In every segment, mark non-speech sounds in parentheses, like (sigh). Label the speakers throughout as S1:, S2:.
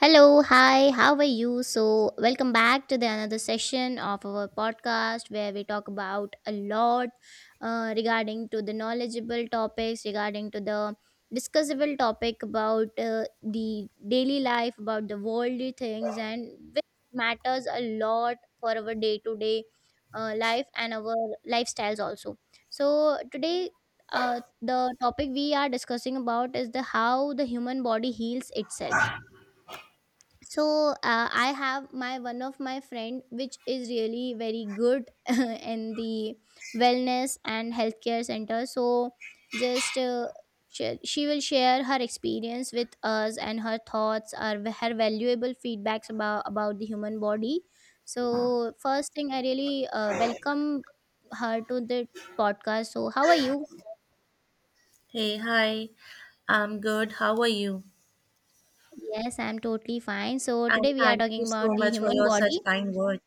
S1: Hello, hi, how are you? So, welcome back to the another session of our podcast where we talk about a lot regarding to the knowledgeable topics, regarding to the discussable topic about the daily life, about the worldly things, and which matters a lot for our day to day life and our lifestyles also. So, today, the topic we are discussing about is the how the human body heals itself. So I have my one of my friend which is really very good (laughs) in the wellness and healthcare center. So just she will share her experience with us and her thoughts or her valuable feedbacks about the human body. So first thing I really welcome her to the podcast. So how are you?
S2: Hey, hi. I'm good. How are you?
S1: Yes, I'm totally fine. So
S2: And
S1: today we are
S2: thank you
S1: talking
S2: so
S1: about the
S2: much for
S1: human
S2: your
S1: body.
S2: such kind words.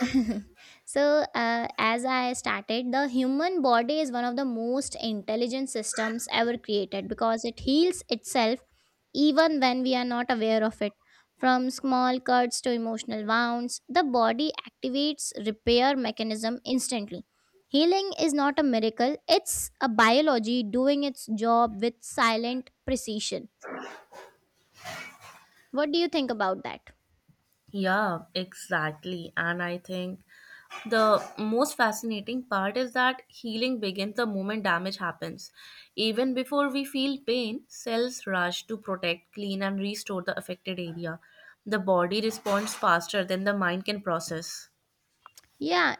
S1: (laughs) So uh, as I started, the human body is one of the most intelligent systems ever created because it heals itself even when we are not aware of it. From small cuts to emotional wounds, the body activates repair mechanism instantly. Healing is not a miracle, it's a biology doing its job with silent precision. What do you think about that?
S2: Yeah, exactly. And I think the most fascinating part is that healing begins the moment damage happens. Even before we feel pain, cells rush to protect, clean, and restore the affected area. The body responds faster than the mind can process.
S1: Yeah,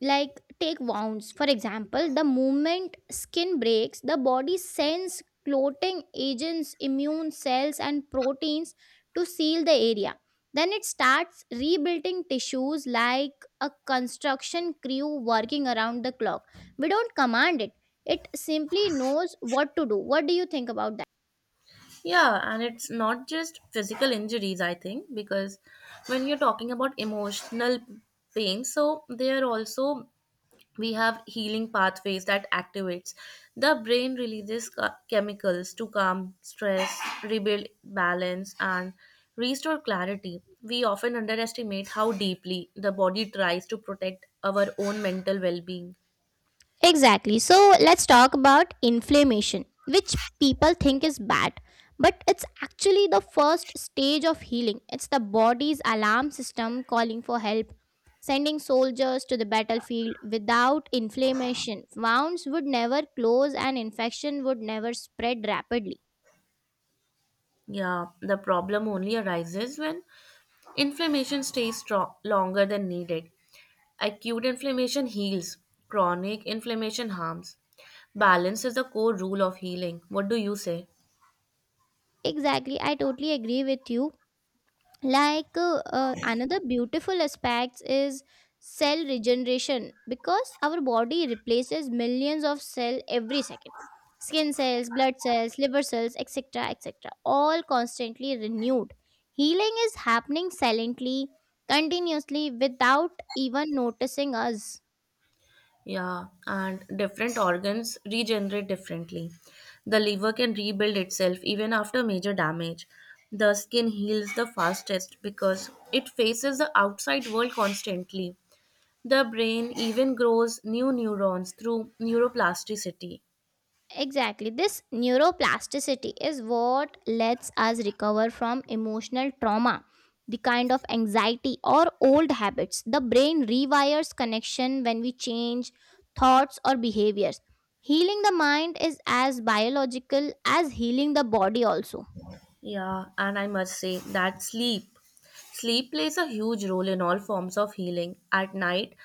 S1: like take wounds. For example, the moment skin breaks, the body sends clotting agents, immune cells, and proteins to seal the area. Then it starts rebuilding tissues like a construction crew working around the clock. We don't command it, it simply knows what to do. What do you think about?
S2: Yeah, and it's not just physical injuries, I think, because when you're talking about emotional pain, so there also we have healing pathways that activates. The brain releases chemicals to calm stress, rebuild balance, and restore clarity. We often underestimate how deeply the body tries to protect our own mental well-being.
S1: Exactly. So let's talk about inflammation, which people think is bad, but it's actually the first stage of healing. It's the body's alarm system calling for help. Sending soldiers to the battlefield without inflammation, wounds would never close and infection would never spread rapidly.
S2: Yeah, the problem only arises when inflammation stays strong, longer than needed. Acute inflammation heals, chronic inflammation harms. Balance is the core rule of healing. What do you say?
S1: Exactly, I totally agree with you. Like another beautiful aspect is cell regeneration, because our body replaces millions of cells every second. Skin cells, blood cells, liver cells, etc., etc., all constantly renewed. Healing is happening silently, continuously, without even noticing us.
S2: Yeah, and different organs regenerate differently. The liver can rebuild itself even after major damage. The skin heals the fastest because it faces the outside world constantly. The brain even grows new neurons through neuroplasticity.
S1: Exactly. This neuroplasticity is what lets us recover from emotional trauma, the kind of anxiety or old habits. The brain rewires connection when we change thoughts or behaviors. Healing the mind is as biological as healing the body, also.
S2: Yeah, and I must say that Sleep plays a huge role in all forms of healing. At night,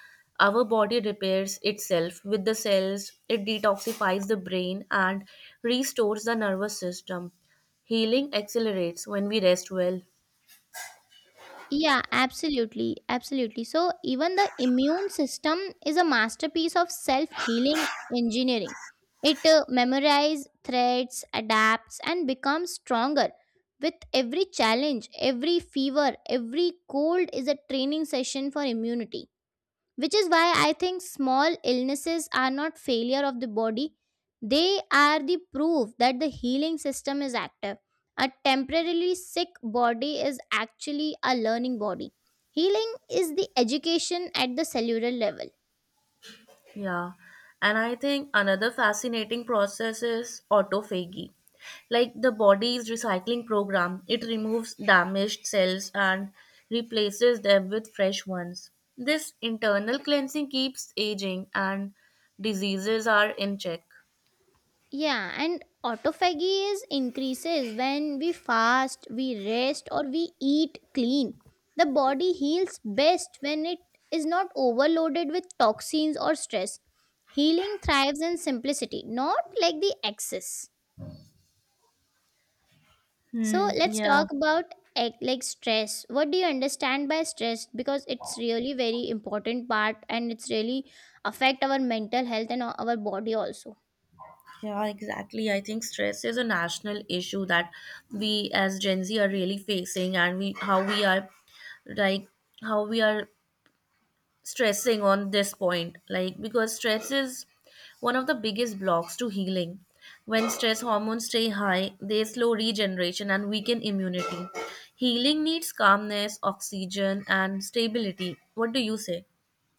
S2: our body repairs itself with the cells, it detoxifies the brain and restores the nervous system. Healing accelerates when we rest well.
S1: Yeah, absolutely. Absolutely. So, even the immune system is a masterpiece of self healing engineering. It memorizes threats, adapts, and becomes stronger. With every challenge, every fever, every cold is a training session for immunity, which is why I think small illnesses are not failure of the body. They are the proof that the healing system is active. A temporarily sick body is actually a learning body. Healing is the education at the cellular level.
S2: Yeah, and I think another fascinating process is autophagy. Like the body's recycling program, it removes damaged cells and replaces them with fresh ones. This internal cleansing keeps aging and diseases are in check.
S1: Yeah, and autophagy is increases when we fast, we rest, or we eat clean. The body heals best when it is not overloaded with toxins or stress. Healing thrives in simplicity, not like the excess. So
S2: Hmm,
S1: let's
S2: yeah,
S1: talk about like stress. What do you understand by stress? Because it's really very important part and it's really affect our mental health and our body also.
S2: yeah, exactly. I think stress is a national issue that we as Gen Z are really facing, and we how we are like how we are stressing on this point, like because stress is one of the biggest blocks to healing. When stress hormones stay high, they slow regeneration and weaken immunity. Healing needs calmness, oxygen, and stability. What do you say?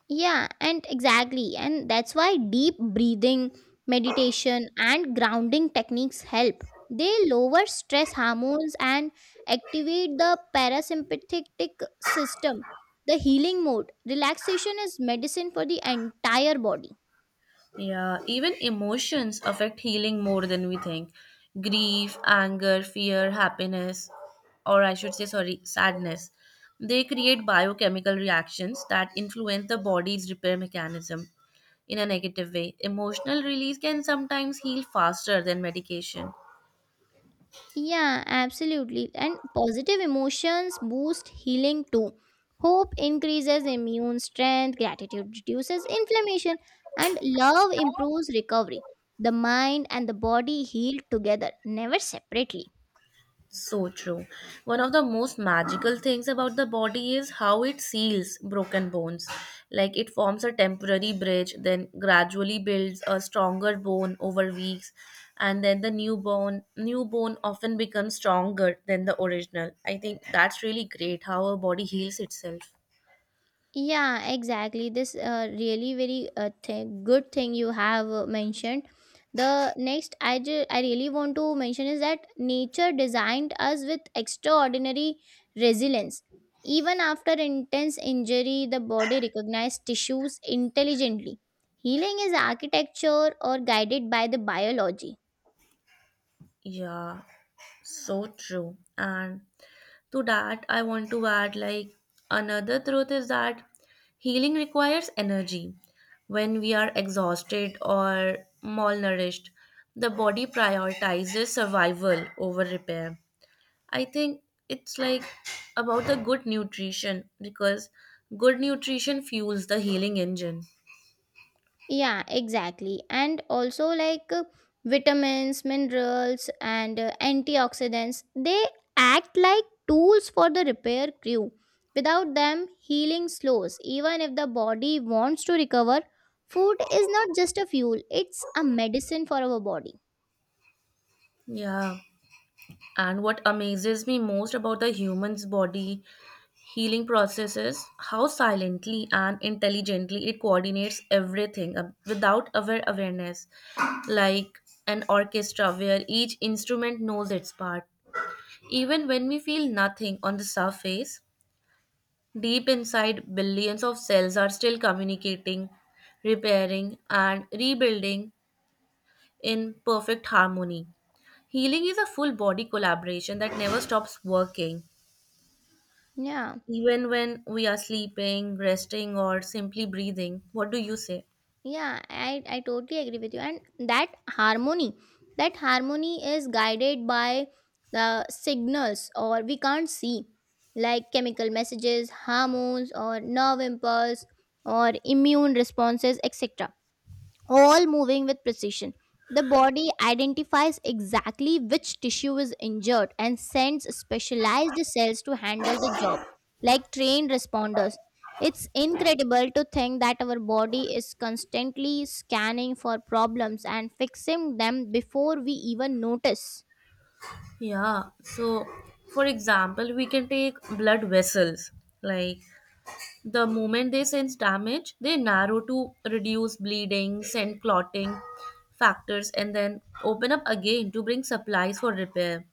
S1: Yeah, and exactly. And that's why deep breathing, meditation, and grounding techniques help. They lower stress hormones and activate the parasympathetic system, the healing mode. Relaxation is medicine for the entire body.
S2: Yeah, even emotions affect healing more than we think. Grief, anger, fear, happiness, or I should say, sorry, sadness. They create biochemical reactions that influence the body's repair mechanism in a negative way. Emotional release can sometimes heal faster than medication.
S1: Yeah, absolutely. And positive emotions boost healing too. Hope increases immune strength, gratitude reduces inflammation, and love improves recovery. The mind and the body heal together, never separately.
S2: So true. One of the most magical things about the body is how it seals broken bones. Like it forms a temporary bridge, then gradually builds a stronger bone over weeks, and then the new bone often becomes stronger than the original. I think that's really great how a body heals itself.
S1: Yeah, exactly. This really very good thing you have mentioned. The next I really want to mention is that nature designed us with extraordinary resilience. Even after intense injury, the body recognized tissues intelligently. Healing is architecture or guided by the biology.
S2: Yeah, so true. And to that, I want to add, like another truth is that healing requires energy. When we are exhausted or malnourished, the body prioritizes survival over repair. I think it's like about the good nutrition, because good nutrition fuels the healing engine.
S1: Yeah, exactly. And also, like vitamins, minerals, and antioxidants, they act like tools for the repair crew. Without them, healing slows. Even if the body wants to recover, food is not just a fuel, it's a medicine for our body.
S2: Yeah. And what amazes me most about the human's body healing processes, how silently and intelligently it coordinates everything without our awareness, like an orchestra where each instrument knows its part. Even when we feel nothing on the surface, deep inside billions of cells are still communicating, repairing, and rebuilding in perfect harmony. Healing is a full body collaboration that never stops working.
S1: Yeah.
S2: Even when we are sleeping, resting, or simply breathing, what do you say?
S1: Yeah, I totally agree with you. And that harmony is guided by the signals or we can't see, like chemical messages, hormones, or nerve impulse, or immune responses, etc., all moving with precision. The body identifies exactly which tissue is injured and sends specialized cells to handle the job, like trained responders. It's incredible to think that our body is constantly scanning for problems and fixing them before we even notice.
S2: Yeah, so for example, we can take blood vessels. Like the moment they sense damage, they narrow to reduce bleeding, send clotting factors, and then open up again to bring supplies for repair.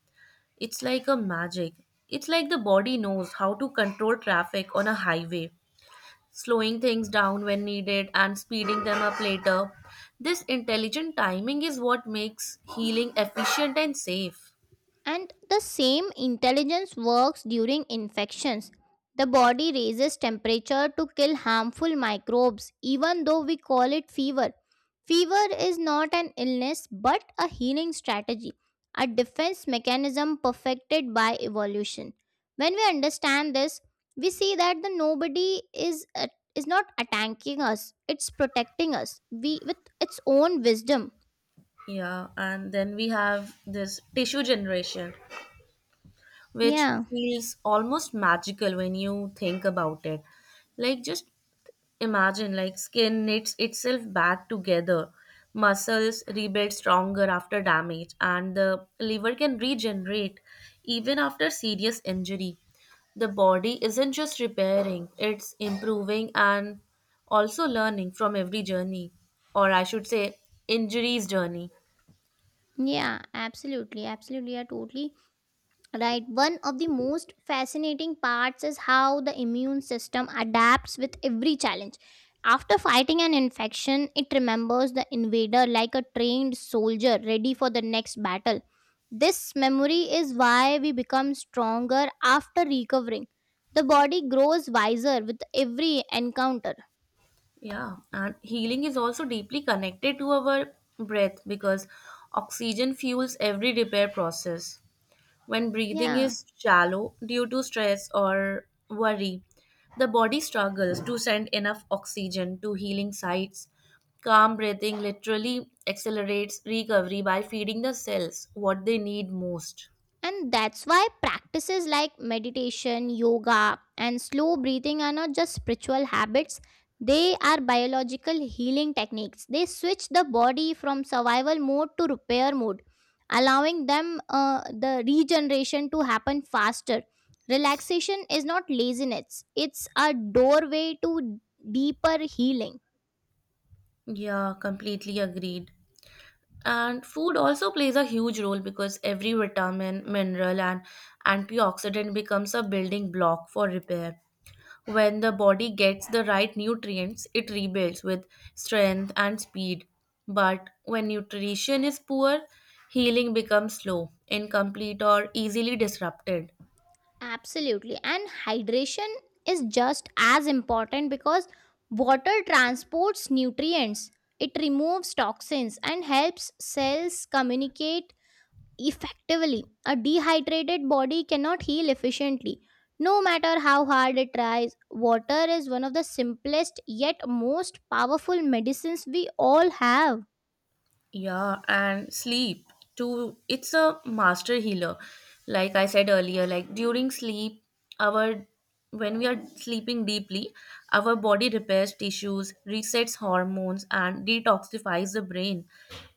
S2: It's like a magic. It's like the body knows how to control traffic on a highway, slowing things down when needed and speeding them up later. This intelligent timing is what makes healing efficient and safe.
S1: And the same intelligence works during infections. The body raises temperature to kill harmful microbes, even though we call it fever. Fever is not an illness but a healing strategy, a defense mechanism perfected by evolution. When we understand this, we see that the nobody is not attacking us; it's protecting us, we with its own wisdom.
S2: Yeah, and then we have this tissue generation, which
S1: Yeah,
S2: feels almost magical when you think about it. Like just imagine, like skin knits itself back together, muscles rebuild stronger after damage, and the liver can regenerate even after serious injury. The body isn't just repairing, it's improving and also learning from every journey, or I should say, injuries journey.
S1: yeah, absolutely, absolutely. I totally right, one of the most fascinating parts is how the immune system adapts with every challenge. After fighting an infection, it remembers the invader like a trained soldier ready for the next battle. This memory is why we become stronger after recovering. The body grows wiser with every encounter.
S2: Yeah, and healing is also deeply connected to our breath, because oxygen fuels every repair process. When breathing
S1: Yeah.
S2: is shallow due to stress or worry, the body struggles to send enough oxygen to healing sites. Calm breathing literally accelerates recovery by feeding the cells what they need most.
S1: And that's why practices like meditation, yoga, and slow breathing are not just spiritual habits, they are biological healing techniques. They switch the body from survival mode to repair mode, allowing them the regeneration to happen faster. Relaxation is not laziness, it's a doorway to deeper healing.
S2: Yeah, completely agreed. And food also plays a huge role because every vitamin, mineral, and antioxidant becomes a building block for repair. When the body gets the right nutrients, it rebuilds with strength and speed. But when nutrition is poor, healing becomes slow, incomplete, or easily disrupted.
S1: Absolutely. And hydration is just as important, because water transports nutrients, it removes toxins, and helps cells communicate effectively. A dehydrated body cannot heal efficiently. No matter how hard it tries, water is one of the simplest yet most powerful medicines we all have.
S2: Yeah, and sleep too. It's a master healer. Like I said earlier, like during sleep, our when we are sleeping deeply, our body repairs tissues, resets hormones, and detoxifies the brain.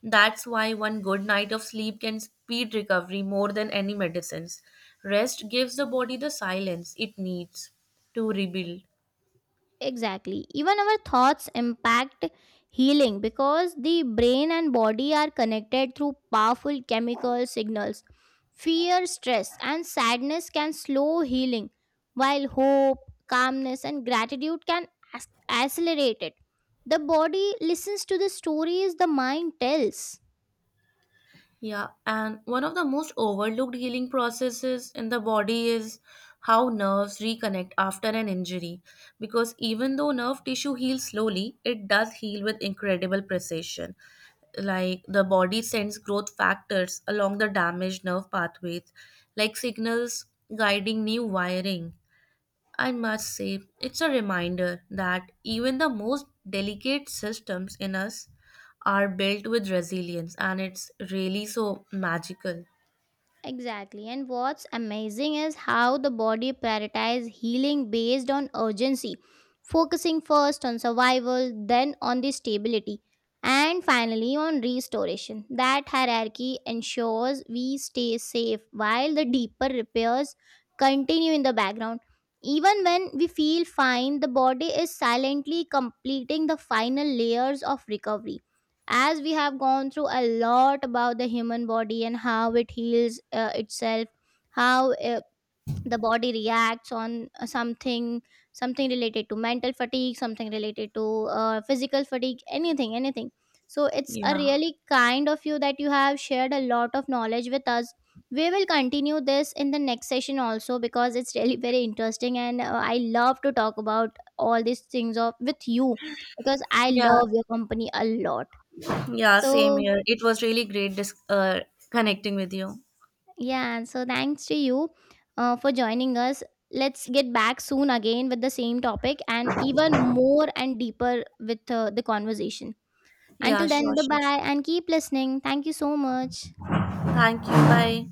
S2: That's why one good night of sleep can speed recovery more than any medicines. Rest gives the body the silence it needs to rebuild.
S1: Exactly. Even our thoughts impact healing, because the brain and body are connected through powerful chemical signals. Fear, stress, and sadness can slow healing, while hope, calmness, and gratitude can accelerate it. The body listens to the stories the mind tells.
S2: Yeah, and one of the most overlooked healing processes in the body is how nerves reconnect after an injury. Because even though nerve tissue heals slowly, it does heal with incredible precision. Like the body sends growth factors along the damaged nerve pathways, like signals guiding new wiring. I must say, it's a reminder that even the most delicate systems in us are built with resilience, and it's really so magical.
S1: Exactly. And what's amazing is how the body prioritizes healing based on urgency, focusing first on survival, then on the stability, and finally on restoration. That hierarchy ensures we stay safe while the deeper repairs continue in the background. Even when we feel fine, the body is silently completing the final layers of recovery. As we have gone through a lot about the human body and how it heals itself, how the body reacts on something, something related to mental fatigue, something related to physical fatigue, anything, anything, so it's a
S2: Yeah,
S1: really kind of you that you have shared a lot of knowledge with us. We will continue this in the next session also, because it's really very interesting and I love to talk about all these things of with you, because I
S2: yeah,
S1: love your company a lot.
S2: yeah, same
S1: So,
S2: here. It was really great connecting with you.
S1: yeah, so thanks to you for joining us. Let's get back soon again with the same topic and even more and deeper with the conversation.
S2: Yeah,
S1: Until
S2: sure,
S1: then, bye
S2: sure.
S1: bye and keep listening. Thank you so much.
S2: Thank you. Bye.